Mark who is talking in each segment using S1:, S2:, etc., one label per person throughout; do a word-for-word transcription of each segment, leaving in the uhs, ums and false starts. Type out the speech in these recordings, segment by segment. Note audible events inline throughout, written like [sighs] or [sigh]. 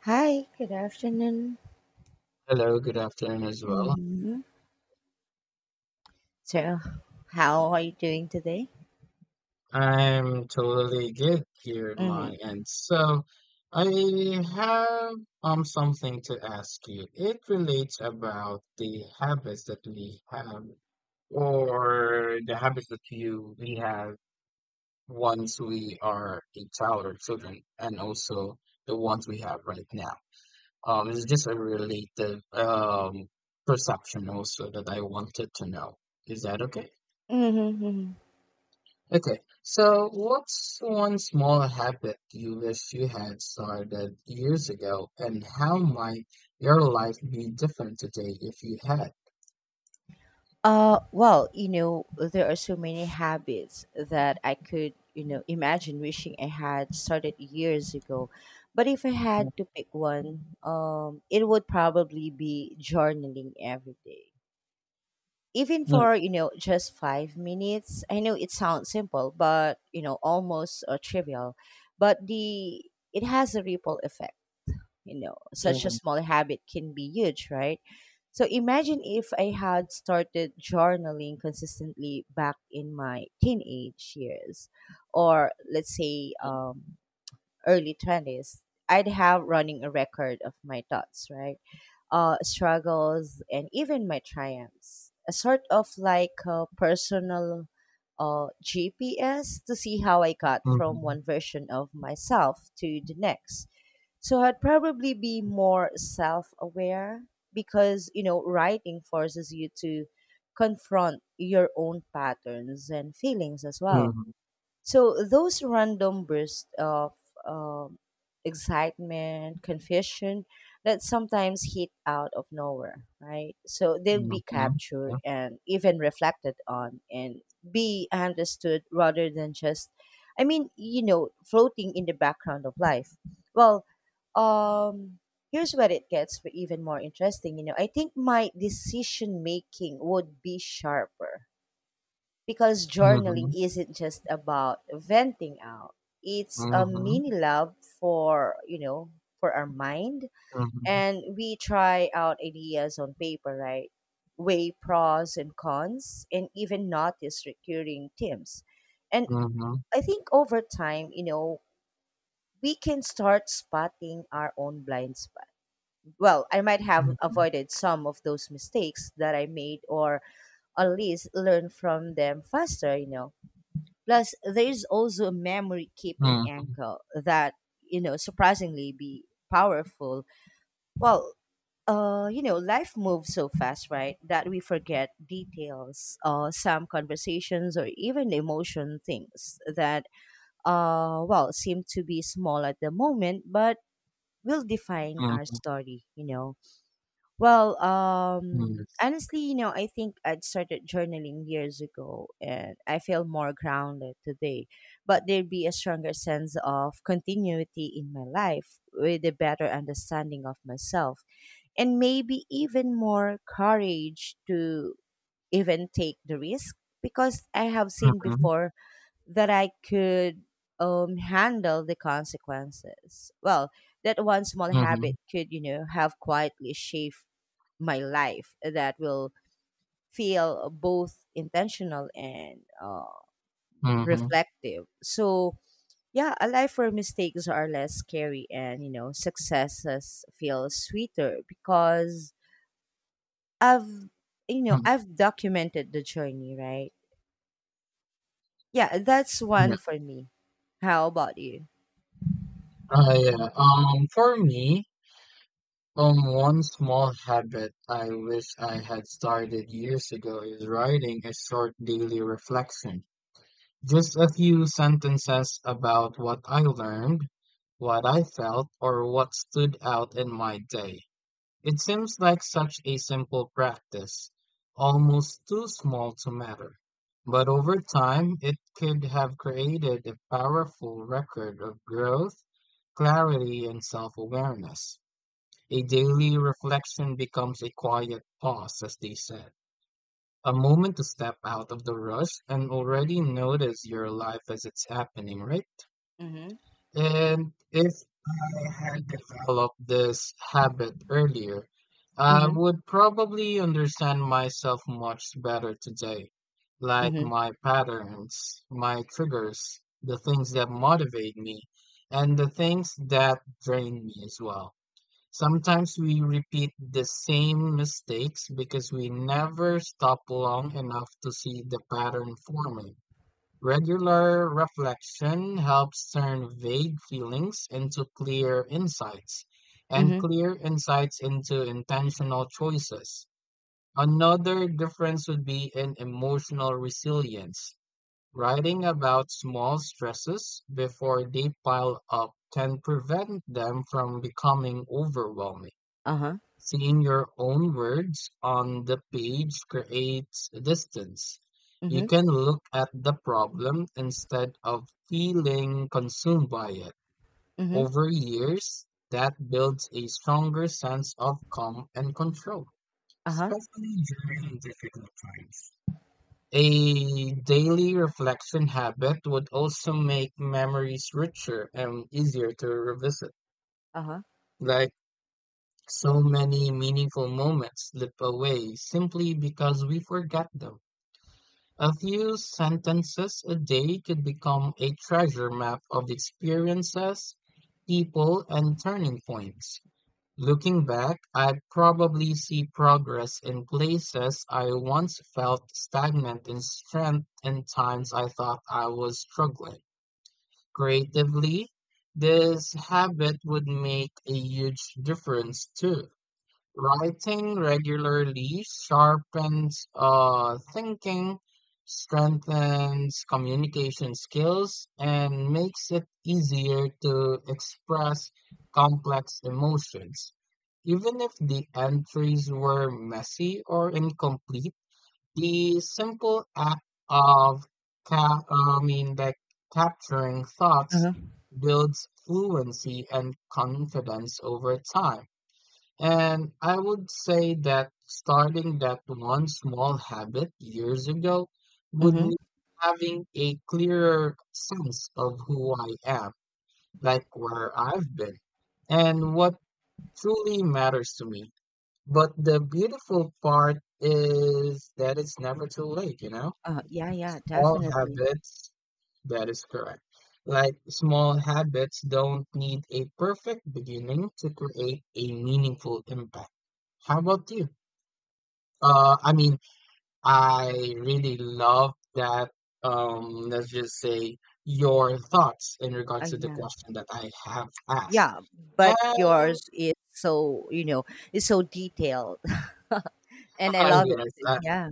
S1: Hi, good afternoon.
S2: Hello, good afternoon as well.
S1: hmm So, how are you doing today?
S2: I'm totally good here at my
S1: Hmm,
S2: end. So I have um something to ask you. It relates about the habits that we have or the habits that you we have once we are a child or children and also the ones we have right now. Um it's just a related um perception also that I wanted to know. Is that okay?
S1: hmm, hmm.
S2: Okay, so what's one small habit you wish you had started years ago, and how might your life be different today if you had?
S1: Uh, well, you know, there are so many habits that I could, you know, imagine wishing I had started years ago. But if I had to pick one, um, it would probably be journaling every day. Even for,
S2: Mm-hmm.
S1: you know, just five minutes. I know it sounds simple, but, you know, almost uh, trivial. But the, it has a ripple effect. You know, such a
S2: mhm,
S1: small habit can be huge, right? So imagine if I had started journaling consistently back in my teenage years, or let's say um, early twenties, I'd have running a record of my thoughts, right? Uh, struggles, and even my triumphs. A sort of like a personal uh, G P S to see how I got from
S2: mhm,
S1: one version of myself to the next. So I'd probably be more self aware because, you know, writing forces you to confront your own patterns and feelings as well.
S2: mhm,
S1: So those random bursts of um, excitement, confusion that sometimes hit out of nowhere, right? So they'll
S2: mhm,
S1: be
S2: mhm,
S1: captured
S2: yeah,
S1: and even reflected on and be understood rather than just, I mean, you know, floating in the background of life. Well, um, here's where it gets even more interesting. You know, I think my decision making would be sharper because journaling
S2: mhm,
S1: isn't just about venting out. It's a
S2: mhm,
S1: mini lab for, you know, for our mind.
S2: mhm,
S1: And we try out ideas on paper, right? Weigh pros and cons and even notice recurring themes. And
S2: mhm,
S1: I think over time, you know, we can start spotting our own blind spot. Well, I might have
S2: mhm,
S1: avoided some of those mistakes that I made or at least learn from them faster, you know. Plus, there is also a memory keeping angle that, you know, surprisingly be powerful. Well, uh, you know, life moves so fast, right? That we forget details, uh, some conversations or even emotion things that, uh, well, seem to be small at the moment, but will define our
S2: mhm,
S1: story, you know. well,
S2: mhm,
S1: um,
S2: yes,
S1: honestly, you know, I think I'd started journaling years ago and I feel more grounded today. But there'd be a stronger sense of continuity in my life with a better understanding of myself and maybe even more courage to even take the risk because I have seen
S2: mhm,
S1: before that I could um, handle the consequences. Well, that one small
S2: mhm,
S1: habit could, you know, have quietly shaped my life that will feel both intentional and uh,
S2: mhm,
S1: reflective. So, yeah, a life where mistakes are less scary and, you know, successes feel sweeter because I've, you know,
S2: mhm,
S1: I've documented the journey, right? Yeah, that's one
S2: yes.
S1: for me. How about you?
S2: Uh, yeah. Um, for me, Um, one small habit I wish I had started years ago is writing a short daily reflection. Just a few sentences about what I learned, what I felt, or what stood out in my day. It seems like such a simple practice, almost too small to matter. But over time, it could have created a powerful record of growth, clarity, and self-awareness. A daily reflection becomes a quiet pause, as they said. A moment to step out of the rush and already notice your life as it's happening, right?
S1: Mm-hmm.
S2: And if I had developed this habit earlier, I
S1: Mm-hmm.
S2: would probably understand myself much better today, like
S1: Mm-hmm.
S2: my patterns, my triggers, the things that motivate me, and the things that drain me as well. Sometimes we repeat the same mistakes because we never stop long enough to see the pattern forming. Regular reflection helps turn vague feelings into clear insights, and
S1: Mm-hmm.
S2: clear insights into intentional choices. Another difference would be in emotional resilience. Writing about small stresses before they pile up can prevent them from becoming overwhelming.
S1: Uh-huh.
S2: Seeing your own words on the page creates distance. You
S1: Mm-hmm.
S2: can look at the problem instead of feeling consumed by it.
S1: Mm-hmm.
S2: Over years, that builds a stronger sense of calm and control,
S1: Uh-huh.
S2: especially during difficult times. A daily reflection habit would also make memories richer and easier to revisit.
S1: Uh-huh.
S2: Like So many meaningful moments slip away simply because we forget them. A few sentences a day could become a treasure map of experiences, people, and turning points. Looking back, I'd probably see progress in places I once felt stagnant in strength and times I thought I was struggling. Creatively, this habit would make a huge difference too. Writing regularly sharpens uh, thinking, strengthens communication skills, and makes it easier to express complex emotions. Even if the entries were messy or incomplete, the simple act of ca- uh, I mean, like capturing thoughts
S1: Uh-huh.
S2: builds fluency and confidence over time. And I would say that starting that one small habit years ago would
S1: Mm-hmm.
S2: mean having a clearer sense of who I am, like where I've been, and what truly matters to me. But the beautiful part is that it's never too late, you know?
S1: Uh, yeah, yeah,
S2: Small
S1: definitely.
S2: habits, that is correct. Like small habits don't need a perfect beginning to create a meaningful impact. How about you? Uh, I mean, I really love that. Um, let's just say your thoughts in
S1: Uh,
S2: regards to the
S1: yeah.
S2: question that I have asked.
S1: Yeah, but
S2: And [laughs]
S1: yours is so, you know, it's so detailed. [laughs] And I
S2: uh,
S1: love
S2: yes,
S1: it.
S2: uh,
S1: Yeah.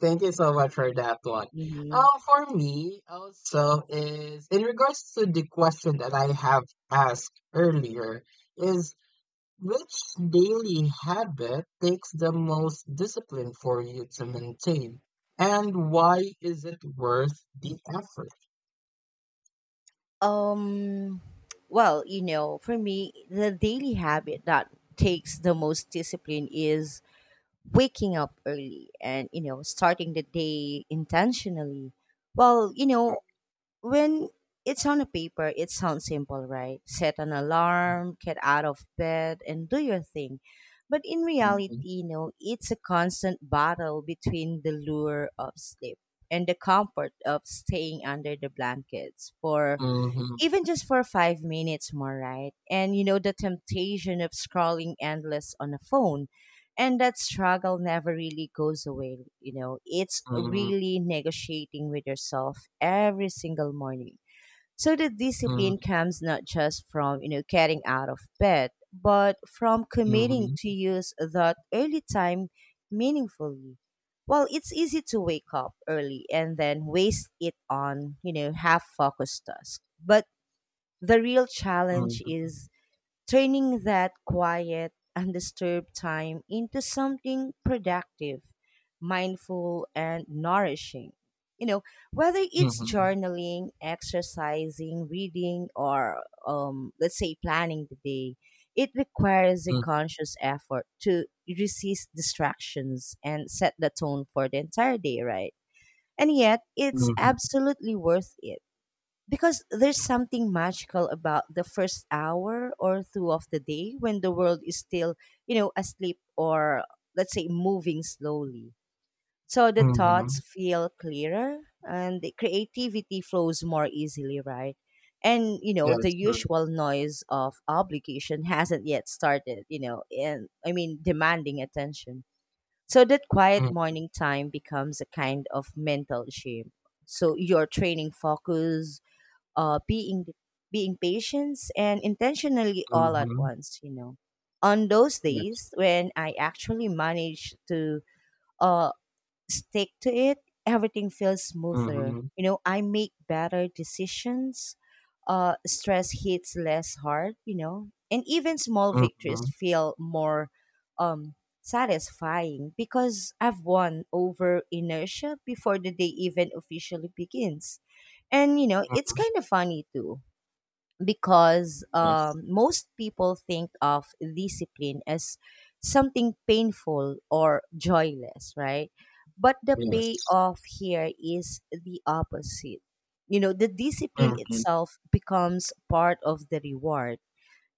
S2: thank you so much for that one.
S1: Hmm.
S2: Uh, for me, also is in regards to the question that I have asked earlier, is. Which daily habit takes the most discipline for you to maintain? And why is it worth the effort?
S1: Um, well, you know, for me, the daily habit that takes the most discipline is waking up early and, you know, starting the day intentionally. Well, you know, when it's on a paper, it sounds simple, right? Set an alarm, get out of bed, and do your thing. But in reality,
S2: Mhm,
S1: you know, it's a constant battle between the lure of sleep and the comfort of staying under the blankets for
S2: mhm,
S1: even just for five minutes more, right? And you know, the temptation of scrolling endless on a phone. And that struggle never really goes away, you know. It's
S2: mhm,
S1: really negotiating with yourself every single morning. So the discipline
S2: mhm,
S1: comes not just from, you know, getting out of bed, but from committing to
S2: mhm,
S1: use that early time meaningfully. Well, it's easy to wake up early and then waste it on, you know, half focused tasks. But the real challenge
S2: mhm,
S1: is turning that quiet, undisturbed time into something productive, mindful, and nourishing. You know, whether it's
S2: mhm,
S1: journaling, exercising, reading, or um, let's say planning the day, it requires a conscious effort to resist distractions and set the tone for the entire day, right? And yet, it's
S2: mhm,
S1: absolutely worth it because there's something magical about the first hour or two of the day when the world is still, you know, asleep or let's say moving slowly. So the
S2: mhm,
S1: thoughts
S2: mhm.
S1: feel clearer and the creativity flows more easily, right? And you know, the
S2: Yes.
S1: usual noise of obligation [laughs] hasn't yet started, you know, and I mean demanding attention. So that quiet
S2: Mm,
S1: morning time becomes a kind of mental gym. So you're training focus, uh, being being patient and intentionally all at
S2: mhm.
S1: once, you know, on those
S2: Yes.
S1: days when i actually manage to uh, stick to it, everything feels smoother.
S2: Mhm,
S1: You know, I make better decisions. Uh, stress hits less hard. You know, and even small victories
S2: mhm,
S1: feel more um, satisfying because I've won over inertia before the day even officially begins. And you know, it's
S2: mhm.
S1: kind of funny too because
S2: Yes.
S1: um, most people think of discipline as something painful or joyless, right? But the
S2: Yes.
S1: payoff here is the opposite. You know, the discipline
S2: Mhm,
S1: itself becomes part of the reward.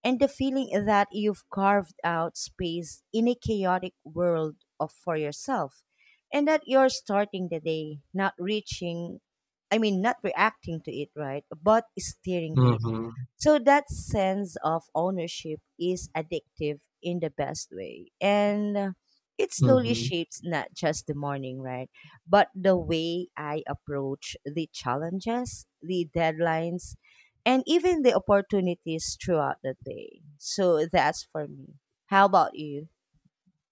S1: And the feeling that you've carved out space in a chaotic world of, for yourself, and that you're starting the day not reaching, I mean, not reacting to it, right? But steering it,
S2: mhm,
S1: so that sense of ownership is addictive in the best way. And uh, it slowly
S2: mhm,
S1: shapes not just the morning, right? But the way I approach the challenges, the deadlines, and even the opportunities throughout the day. So that's for me. How about you?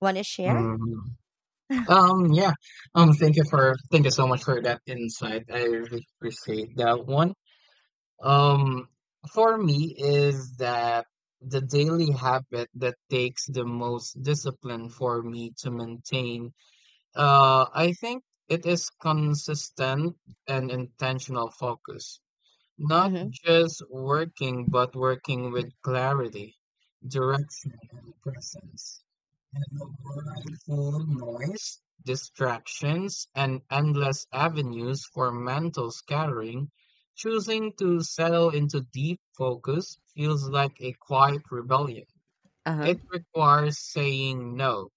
S1: Want to share?
S2: mhm. Um, yeah. Um, thank you for thank you so much for that insight. I really appreciate that one. Um, for me is that the daily habit that takes the most discipline for me to maintain. Uh, I think it is consistent and intentional focus, not
S1: Mm-hmm.
S2: just working, but working with clarity, direction, and presence full noise, distractions, and endless avenues for mental scattering, choosing to settle into deep focus feels like a quiet rebellion.
S1: Uh-huh.
S2: It requires saying no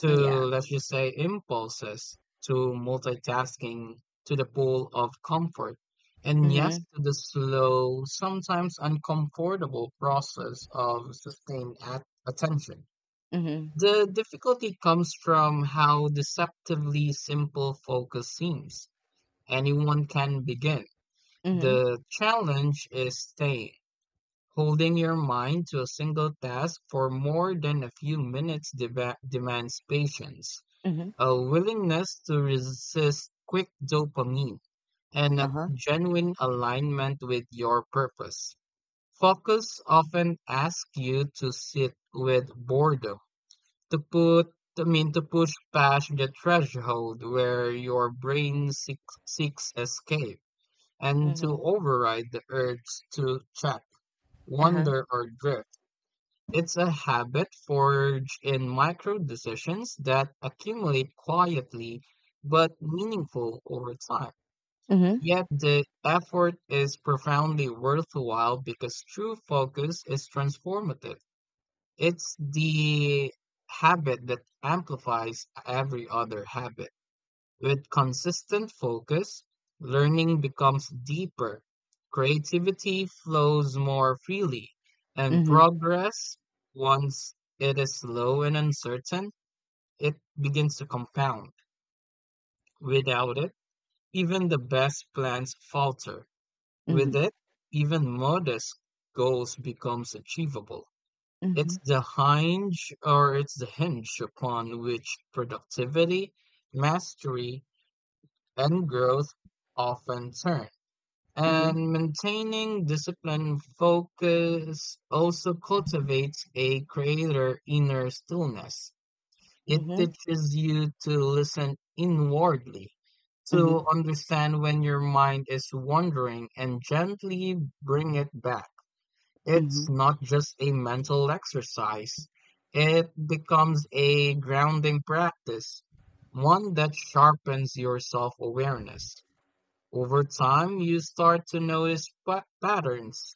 S2: to,
S1: Mm, yeah.
S2: let's just say, impulses, to multitasking, to the pull of comfort, and yes
S1: Mm-hmm.
S2: to the slow, sometimes uncomfortable process of sustained at- attention.
S1: Mm-hmm.
S2: The difficulty comes from how deceptively simple focus seems. Anyone can begin.
S1: Mm-hmm.
S2: The challenge is staying, holding your mind to a single task for more than a few minutes deva- demands patience,
S1: Mm-hmm.
S2: a willingness to resist quick dopamine, and a
S1: Uh-huh.
S2: genuine alignment with your purpose. Focus often asks you to sit with boredom to put I mean to push past the threshold where your brain seeks, seeks escape and to
S1: Mm-hmm.
S2: override the urge to check,
S1: Uh-huh.
S2: wonder or drift. It's a habit forged in micro decisions that accumulate quietly but meaningful over time.
S1: Mm-hmm.
S2: Yet the effort is profoundly worthwhile because true focus is transformative. It's the habit that amplifies every other habit. With consistent focus, learning becomes deeper, creativity flows more freely, and
S1: Mm-hmm.
S2: progress, once it is slow and uncertain, it begins to compound. Without it, even the best plans falter. With
S1: Mm-hmm.
S2: it, even modest goals becomes achievable. It's
S1: Mm-hmm.
S2: the hinge or it's the hinge upon which productivity, mastery, and growth often turn.
S1: Mm-hmm.
S2: And maintaining discipline focus also cultivates a creator inner stillness. It
S1: Mm-hmm.
S2: teaches you to listen inwardly,
S1: Mhm,
S2: to understand when your mind is wandering and gently bring it back. It's
S1: mhm,
S2: not just a mental exercise, it becomes a grounding practice, one that sharpens your self awareness. Over time, you start to notice pa- patterns,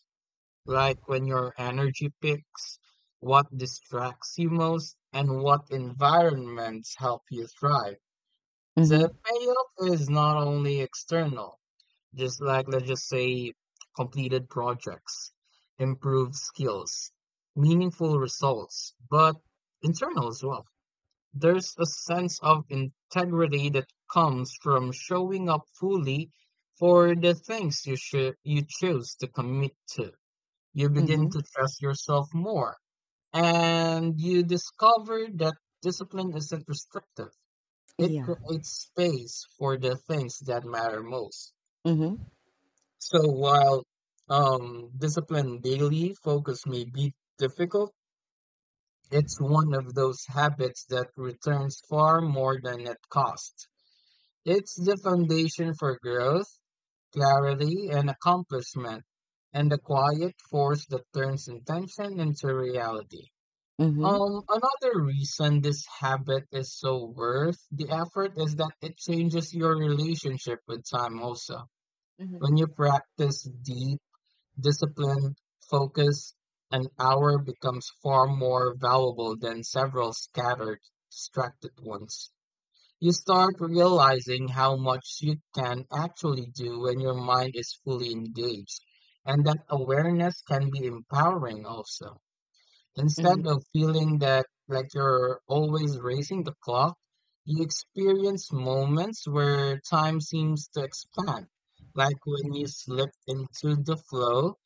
S2: like when your energy picks, what distracts you most, and what environments help you thrive.
S1: mhm,
S2: The payoff is not only external, just like let's just say completed projects, improved skills, meaningful results, but internal as well. There's a sense of integrity that comes from showing up fully for the things you should you choose to commit to. You begin
S1: mhm,
S2: to trust yourself more, and you discover that discipline isn't restrictive. It
S1: yeah,
S2: creates space for the things that matter most.
S1: mhm,
S2: So while um, discipline daily focus may be difficult, it's one of those habits that returns far more than it costs. It's the foundation for growth, clarity, and accomplishment, and a quiet force that turns intention into reality.
S1: mhm,
S2: Um, another reason this habit is so worth the effort is that it changes your relationship with time also.
S1: mhm,
S2: When you practice deep discipline, focus, an hour becomes far more valuable than several scattered, distracted ones. You start realizing how much you can actually do when your mind is fully engaged, and that awareness can be empowering also.
S1: mhm,
S2: Instead of feeling that like you're always racing the clock, you experience moments where time seems to expand, like when you slip into the flow,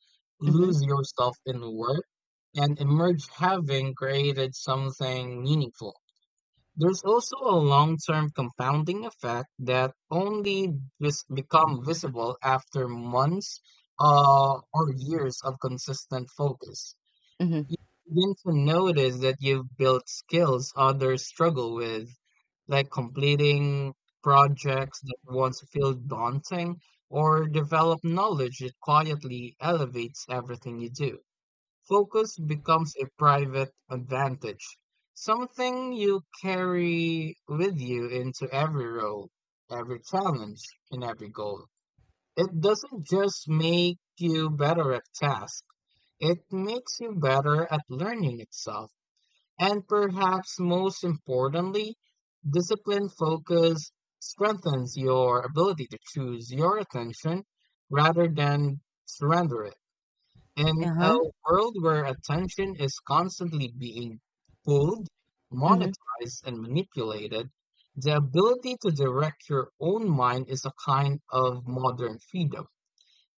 S1: mhm,
S2: lose yourself in work, and emerge having created something meaningful. There's also a long-term compounding effect that only vis- become visible after months uh, or years of consistent focus.
S1: mhm,
S2: You begin to notice that you've built skills others struggle with, like completing projects that once feel daunting or develop knowledge that quietly elevates everything you do. Focus becomes a private advantage, something you carry with you into every role, every challenge, and every goal. It doesn't just make you better at tasks, it makes you better at learning itself. And perhaps most importantly, discipline focus strengthens your ability to choose your attention rather than surrender it. In a
S1: uh-huh,
S2: world where attention is constantly being pulled,
S1: mhm,
S2: monetized, and manipulated, the ability to direct your own mind is a kind of modern freedom.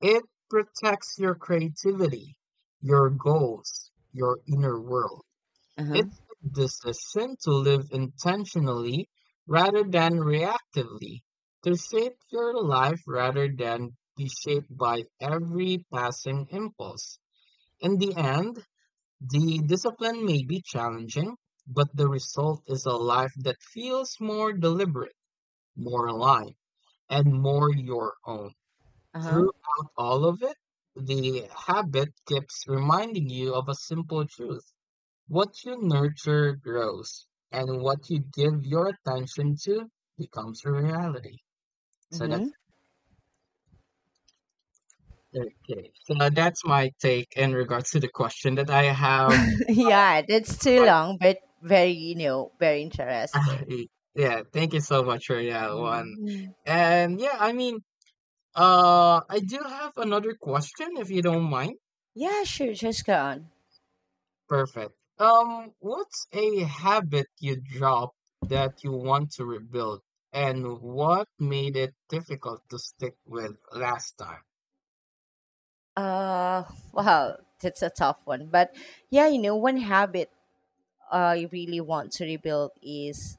S2: It protects your creativity, your goals, your inner world.
S1: uh-huh,
S2: It's the decision to live intentionally rather than reactively, to shape your life rather than be shaped by every passing impulse. In the end, the discipline may be challenging, but the result is a life that feels more deliberate, more aligned, and more your own.
S1: uh-huh,
S2: Throughout all of it, the habit keeps reminding you of a simple truth. What you nurture grows, and what you give your attention to becomes your reality. So that's
S1: mhm.
S2: okay. So that's my take in regards to the question that I have.
S1: [laughs]
S2: Um,
S1: Yeah, that's too
S2: But
S1: long, but very, you know, very
S2: [sighs]
S1: interesting.
S2: [laughs] yeah, thank you so much for that one.
S1: Mhm.
S2: And yeah, I mean, uh, I do have another question if you don't mind.
S1: Yeah, sure, just go on.
S2: Perfect. Um, what's a habit you dropped that you want to rebuild, and what made it difficult to stick with last time?
S1: Uh, [laughs] wow, that's a tough one, but yeah, you know, one habit I really want to rebuild is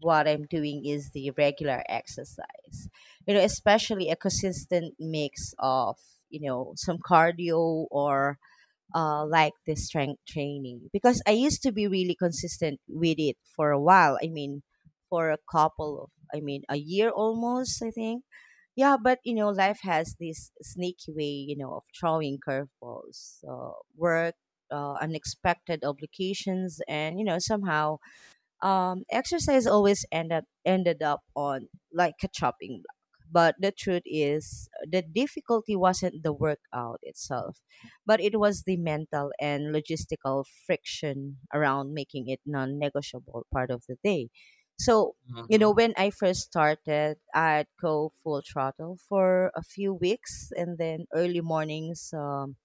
S1: what I'm doing is the regular exercise. You know, especially a consistent mix of, you know, some cardio or uh, like this strength training because I used to be really consistent with it for a while. I mean, for a couple of, I mean, a year almost, I think. Yeah, but you know, life has this sneaky way, you know, of throwing curveballs, uh, work, uh, unexpected obligations, and you know, somehow um, exercise always end up, ended up on like a chopping block. But the truth is, the difficulty wasn't the workout itself, but it was the mental and logistical friction around making it non negotiable part of the day. So, you
S2: Mhm,
S1: know, when I first started, I'd go full throttle for a few weeks and then early mornings. Um,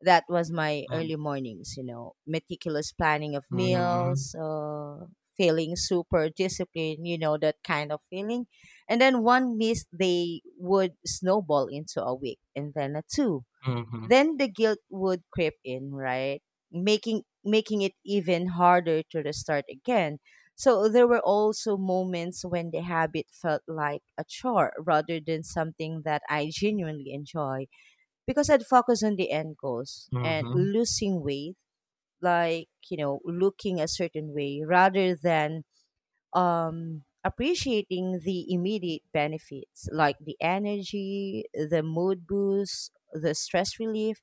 S1: That was my
S2: mhm,
S1: early mornings, you know, meticulous planning of
S2: mhm,
S1: meals, uh, feeling super disciplined, you know, that kind of feeling. And then one miss, they would snowball into a week and then a two.
S2: mhm,
S1: Then the guilt would creep in, right? Making making it even harder to restart again. So there were also moments when the habit felt like a chore rather than something that I genuinely enjoy because I'd focus on the end goals and
S2: mhm,
S1: losing weight, like, you know, looking a certain way rather than um, appreciating the immediate benefits like the energy, the mood boost, the stress relief.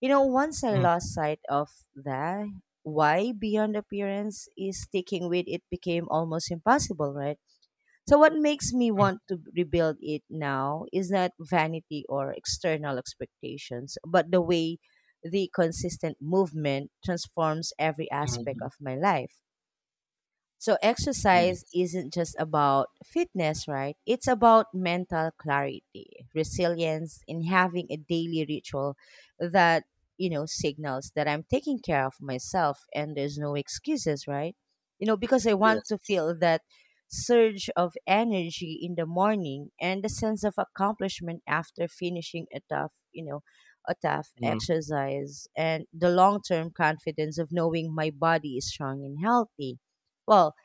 S1: You know, once I
S2: mhm,
S1: lost sight of that, why beyond appearance is sticking with it became almost impossible, right? So what makes me want to rebuild it now is not vanity or external expectations, but the way the consistent movement transforms every aspect
S2: mhm,
S1: of my life. So
S2: mhm.
S1: exercise isn't just about fitness, right? It's about mental clarity, resilience, and having a daily ritual that, you know, signals that I'm taking care of myself and there's no excuses, right? You know, because I want to
S2: Yes.
S1: feel that surge of energy in the morning and the sense of accomplishment after finishing a tough, you know, a tough
S2: Mhm,
S1: exercise and the long-term confidence of knowing my body is strong and healthy. Well,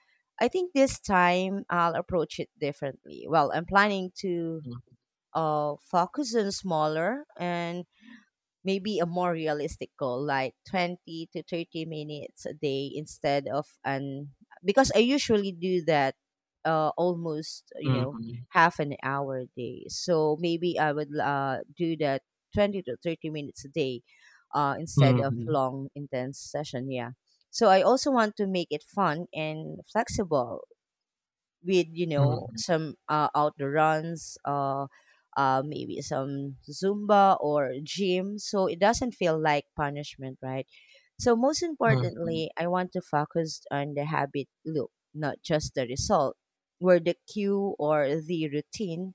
S1: I think this time I'll approach it differently. Well, I'm planning to
S2: mhm,
S1: uh, focus on smaller and maybe a more realistic goal like twenty to thirty minutes a day instead of an, because i usually do that uh, almost, you know,
S2: mhm,
S1: half an hour a day, so maybe i would uh, do that twenty to thirty minutes a day uh, instead of
S2: mhm,
S1: long intense session. Yeah, so i also want to make it fun and flexible with, you know,
S2: mhm,
S1: some uh, outdoor runs, uh, uh maybe some zumba or gym, so it doesn't feel like punishment, right? So most
S2: mhm,
S1: importantly i want to focus on the habit loop, not just the result, where the cue or the routine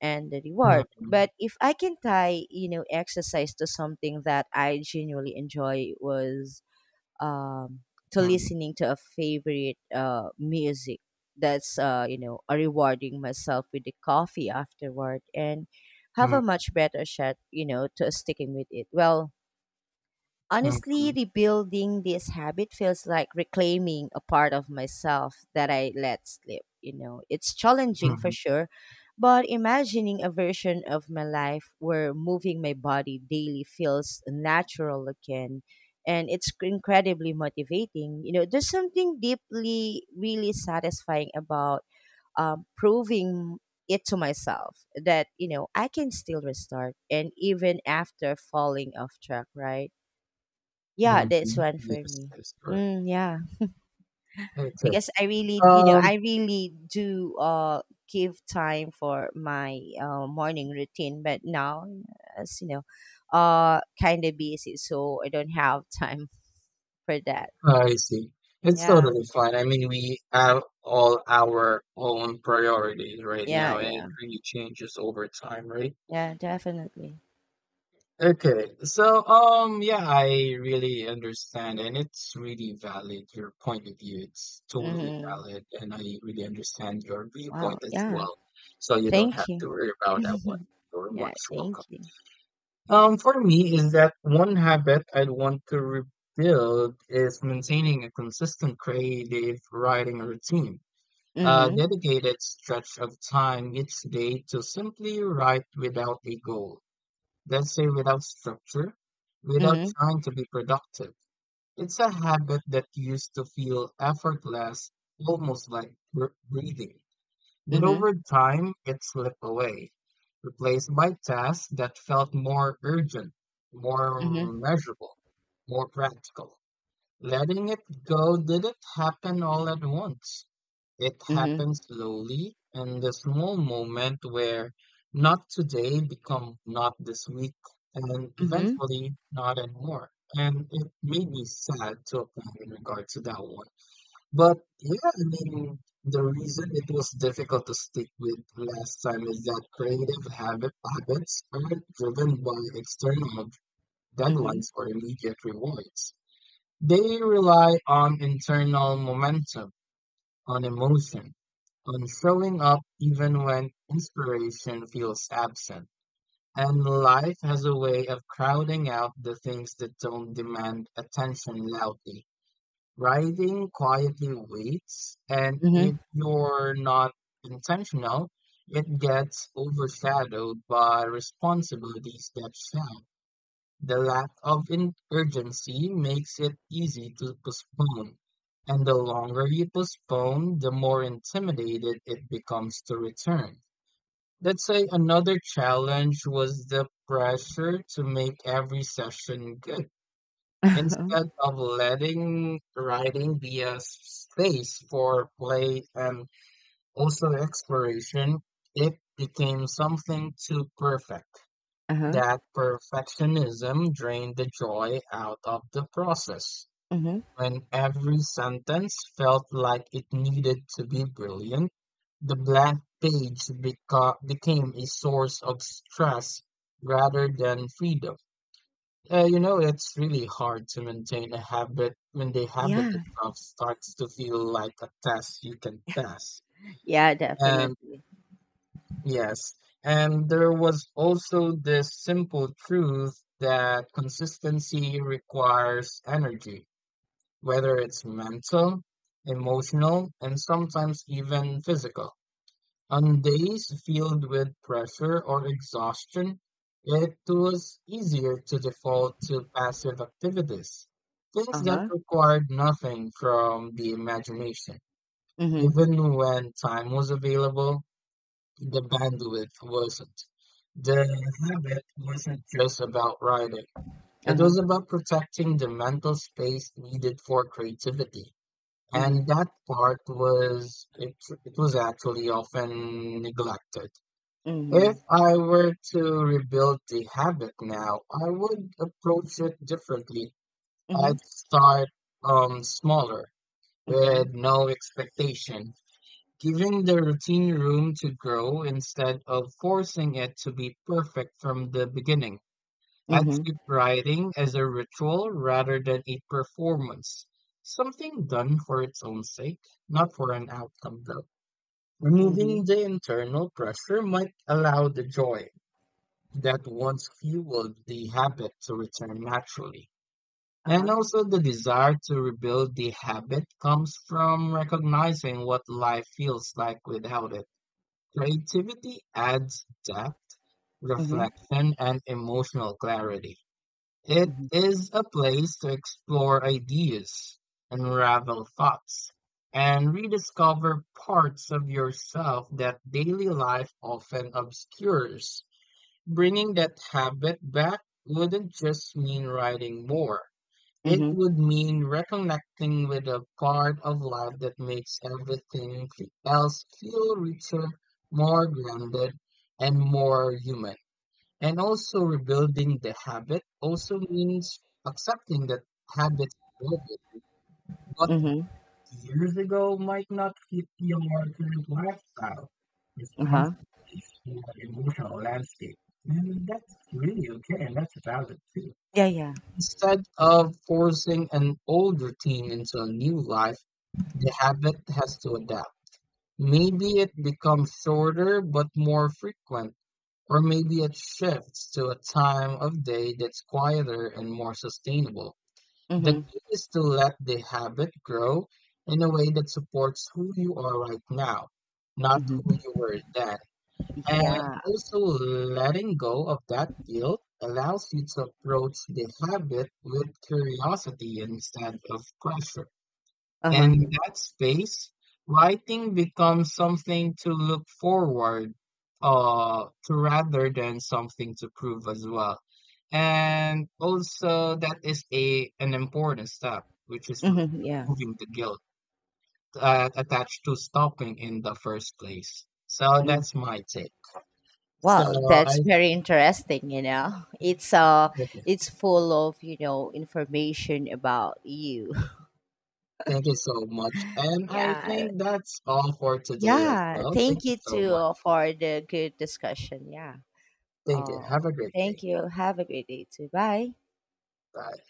S1: and the
S2: mhm,
S1: reward.
S2: mhm,
S1: But if i can tie, you know, exercise to something that i genuinely enjoy was um, to listening to a favorite uh, music, that's uh, you know uh, rewarding myself with the coffee afterward and have
S2: mhm,
S1: a much better shot, you know, to sticking with it. Well, honestly,
S2: mhm,
S1: rebuilding this habit feels like reclaiming a part of myself that I let slip. You know, it's challenging for
S2: mhm,
S1: sure, but imagining a version of my life where moving my body daily feels natural again and it's incredibly motivating. You know, there's something deeply, really satisfying about um, proving it to myself that you know I can still restart and even after falling off track, right? Yeah, that's
S2: mhm.
S1: one for
S2: Yes,
S1: me.
S2: that's correct.
S1: Mm, yeah,
S2: Okay.
S1: because I really, you know,
S2: Um,
S1: I really do uh give time for my uh, morning routine, but now, as you know, uh, kind of busy, so I don't have [laughs] time for that.
S2: I see. It's
S1: Yeah,
S2: totally fine. I mean, we have all our own priorities right now,
S1: yeah,
S2: and it
S1: yeah,
S2: really changes over time, right?
S1: yeah, definitely.
S2: Okay. So, um, yeah, I really understand, and it's really valid, your point of view. It's totally
S1: Mm-hmm.
S2: valid, and I really understand your viewpoint
S1: Wow.
S2: as
S1: Yeah.
S2: well. So you don't have
S1: Thank you.
S2: to worry about that one.
S1: [laughs]
S2: You're
S1: Yeah.
S2: much
S1: Thank
S2: welcome.
S1: you.
S2: Um, for me, is that one habit I'd want to rebuild is maintaining a consistent creative writing routine. A
S1: Mm-hmm.
S2: dedicated stretch of time each day to simply write without a goal. Let's say without structure, without
S1: Mm-hmm.
S2: trying to be productive. It's a habit that used to feel effortless, almost like br- breathing. But
S1: Mm-hmm.
S2: over time, it slipped away, replaced by tasks that felt more urgent, more
S1: Mm-hmm.
S2: measurable, more practical. Letting it go didn't happen all at once. It happened slowly in the small moment where not today become not this week and
S1: Mm-hmm.
S2: eventually not anymore. And it made me sad to a point in regard to that one. But yeah, I mean, the reason it was difficult to stick with last time is that creative habit habits aren't driven by external
S1: Mm-hmm.
S2: deadlines or immediate rewards. They rely on internal momentum, on emotion, on showing up even when inspiration feels absent. And life has a way of crowding out the things that don't demand attention loudly. Riding quietly waits, and
S1: Mm-hmm.
S2: if
S1: [laughs]
S2: you're not intentional, it gets overshadowed by responsibilities that shout. The lack of in- urgency makes it easy to postpone, and the longer you postpone, the more intimidated it becomes to return. Let's say another challenge was the pressure to make every session good.
S1: Uh-huh.
S2: Instead of letting writing be a space for play and also exploration, it became something too perfect.
S1: Uh-huh.
S2: That perfectionism drained the joy out of the process.
S1: Mm-hmm.
S2: When every sentence felt like it needed to be brilliant, the blank page beca- became a source of stress rather than freedom. Uh, you know, it's really hard to maintain a habit when the habit
S1: Yeah.
S2: itself starts to feel like a test you can pass.
S1: Yeah,
S2: And
S1: definitely.
S2: yes, and there was also this simple truth that consistency requires energy, whether it's mental, emotional, and sometimes even physical. On days filled with pressure or exhaustion, it was easier to default to passive activities, things that
S1: Uh-huh.
S2: required nothing from the imagination.
S1: Mhm.
S2: Even when time was available, the bandwidth wasn't. The habit wasn't just about writing, it
S1: Uh-huh.
S2: was about protecting the mental space needed for creativity. And
S1: Mhm.
S2: that part was, it, it was actually often neglected. If
S1: Mhm.
S2: I were to rebuild the habit now, I would approach it differently.
S1: Mhm.
S2: I'd start um smaller
S1: Uh-huh.
S2: with no expectation, giving the routine room to grow instead of forcing it to be perfect from the beginning. I'd
S1: Mhm.
S2: treat writing as a ritual rather than a performance, something done for its own sake, not for an outcome though.
S1: Mhm.
S2: Removing the internal pressure might allow the joy that once fueled the habit to return naturally. And
S1: Uh-huh.
S2: also, the desire to rebuild the habit comes from recognizing what life feels like without it. Creativity adds depth,
S1: Mhm.
S2: reflection, and emotional clarity. It
S1: Mhm.
S2: is a place to explore ideas, unravel thoughts, and rediscover parts of yourself that daily life often obscures. Bringing that habit back wouldn't just mean writing more. It
S1: Mhm.
S2: would mean reconnecting with a part of life that makes everything else feel richer, more grounded, and more human. And also, rebuilding the habit also means accepting that habits are broken, not
S1: Mhm.
S2: years ago might not fit your current lifestyle,
S1: Uh-huh.
S2: responsibilities, or emotional landscape. And that's really okay, and that's valid too.
S1: Yeah, yeah.
S2: Instead of forcing an old routine into a new life, the habit has to adapt. Maybe it becomes shorter but more frequent, or maybe it shifts to a time of day that's quieter and more sustainable. The
S1: Mhm.
S2: key is to let the habit grow in a way that supports who you are right now, not
S1: Mhm.
S2: who you were then. And
S1: Yeah.
S2: also, letting go of that guilt allows you to approach the habit with curiosity instead of pressure. In
S1: Uh-huh.
S2: that space, writing becomes something to look forward uh, to rather than something to prove as well. And also, that is a an important step, which is re-
S1: Mhm. Yeah.
S2: removing the guilt uh, attached to stopping in the first place. So
S1: Mm.
S2: that's my take. So
S1: Well,
S2: I
S1: that's very interesting, you know. [laughs] It's uh
S2: th-
S1: it's full of, you know, information about you. [laughs]
S2: thank you so much, and I
S1: Yeah.
S2: think that's all for today as
S1: Yeah.
S2: well. Thank
S1: Thank
S2: you
S1: you
S2: so
S1: too
S2: much.
S1: uh, for the good discussion. Yeah.
S2: Thank you.
S1: Uh,
S2: Have a great day.
S1: Thank you. Have a great day too. Bye.
S2: Bye.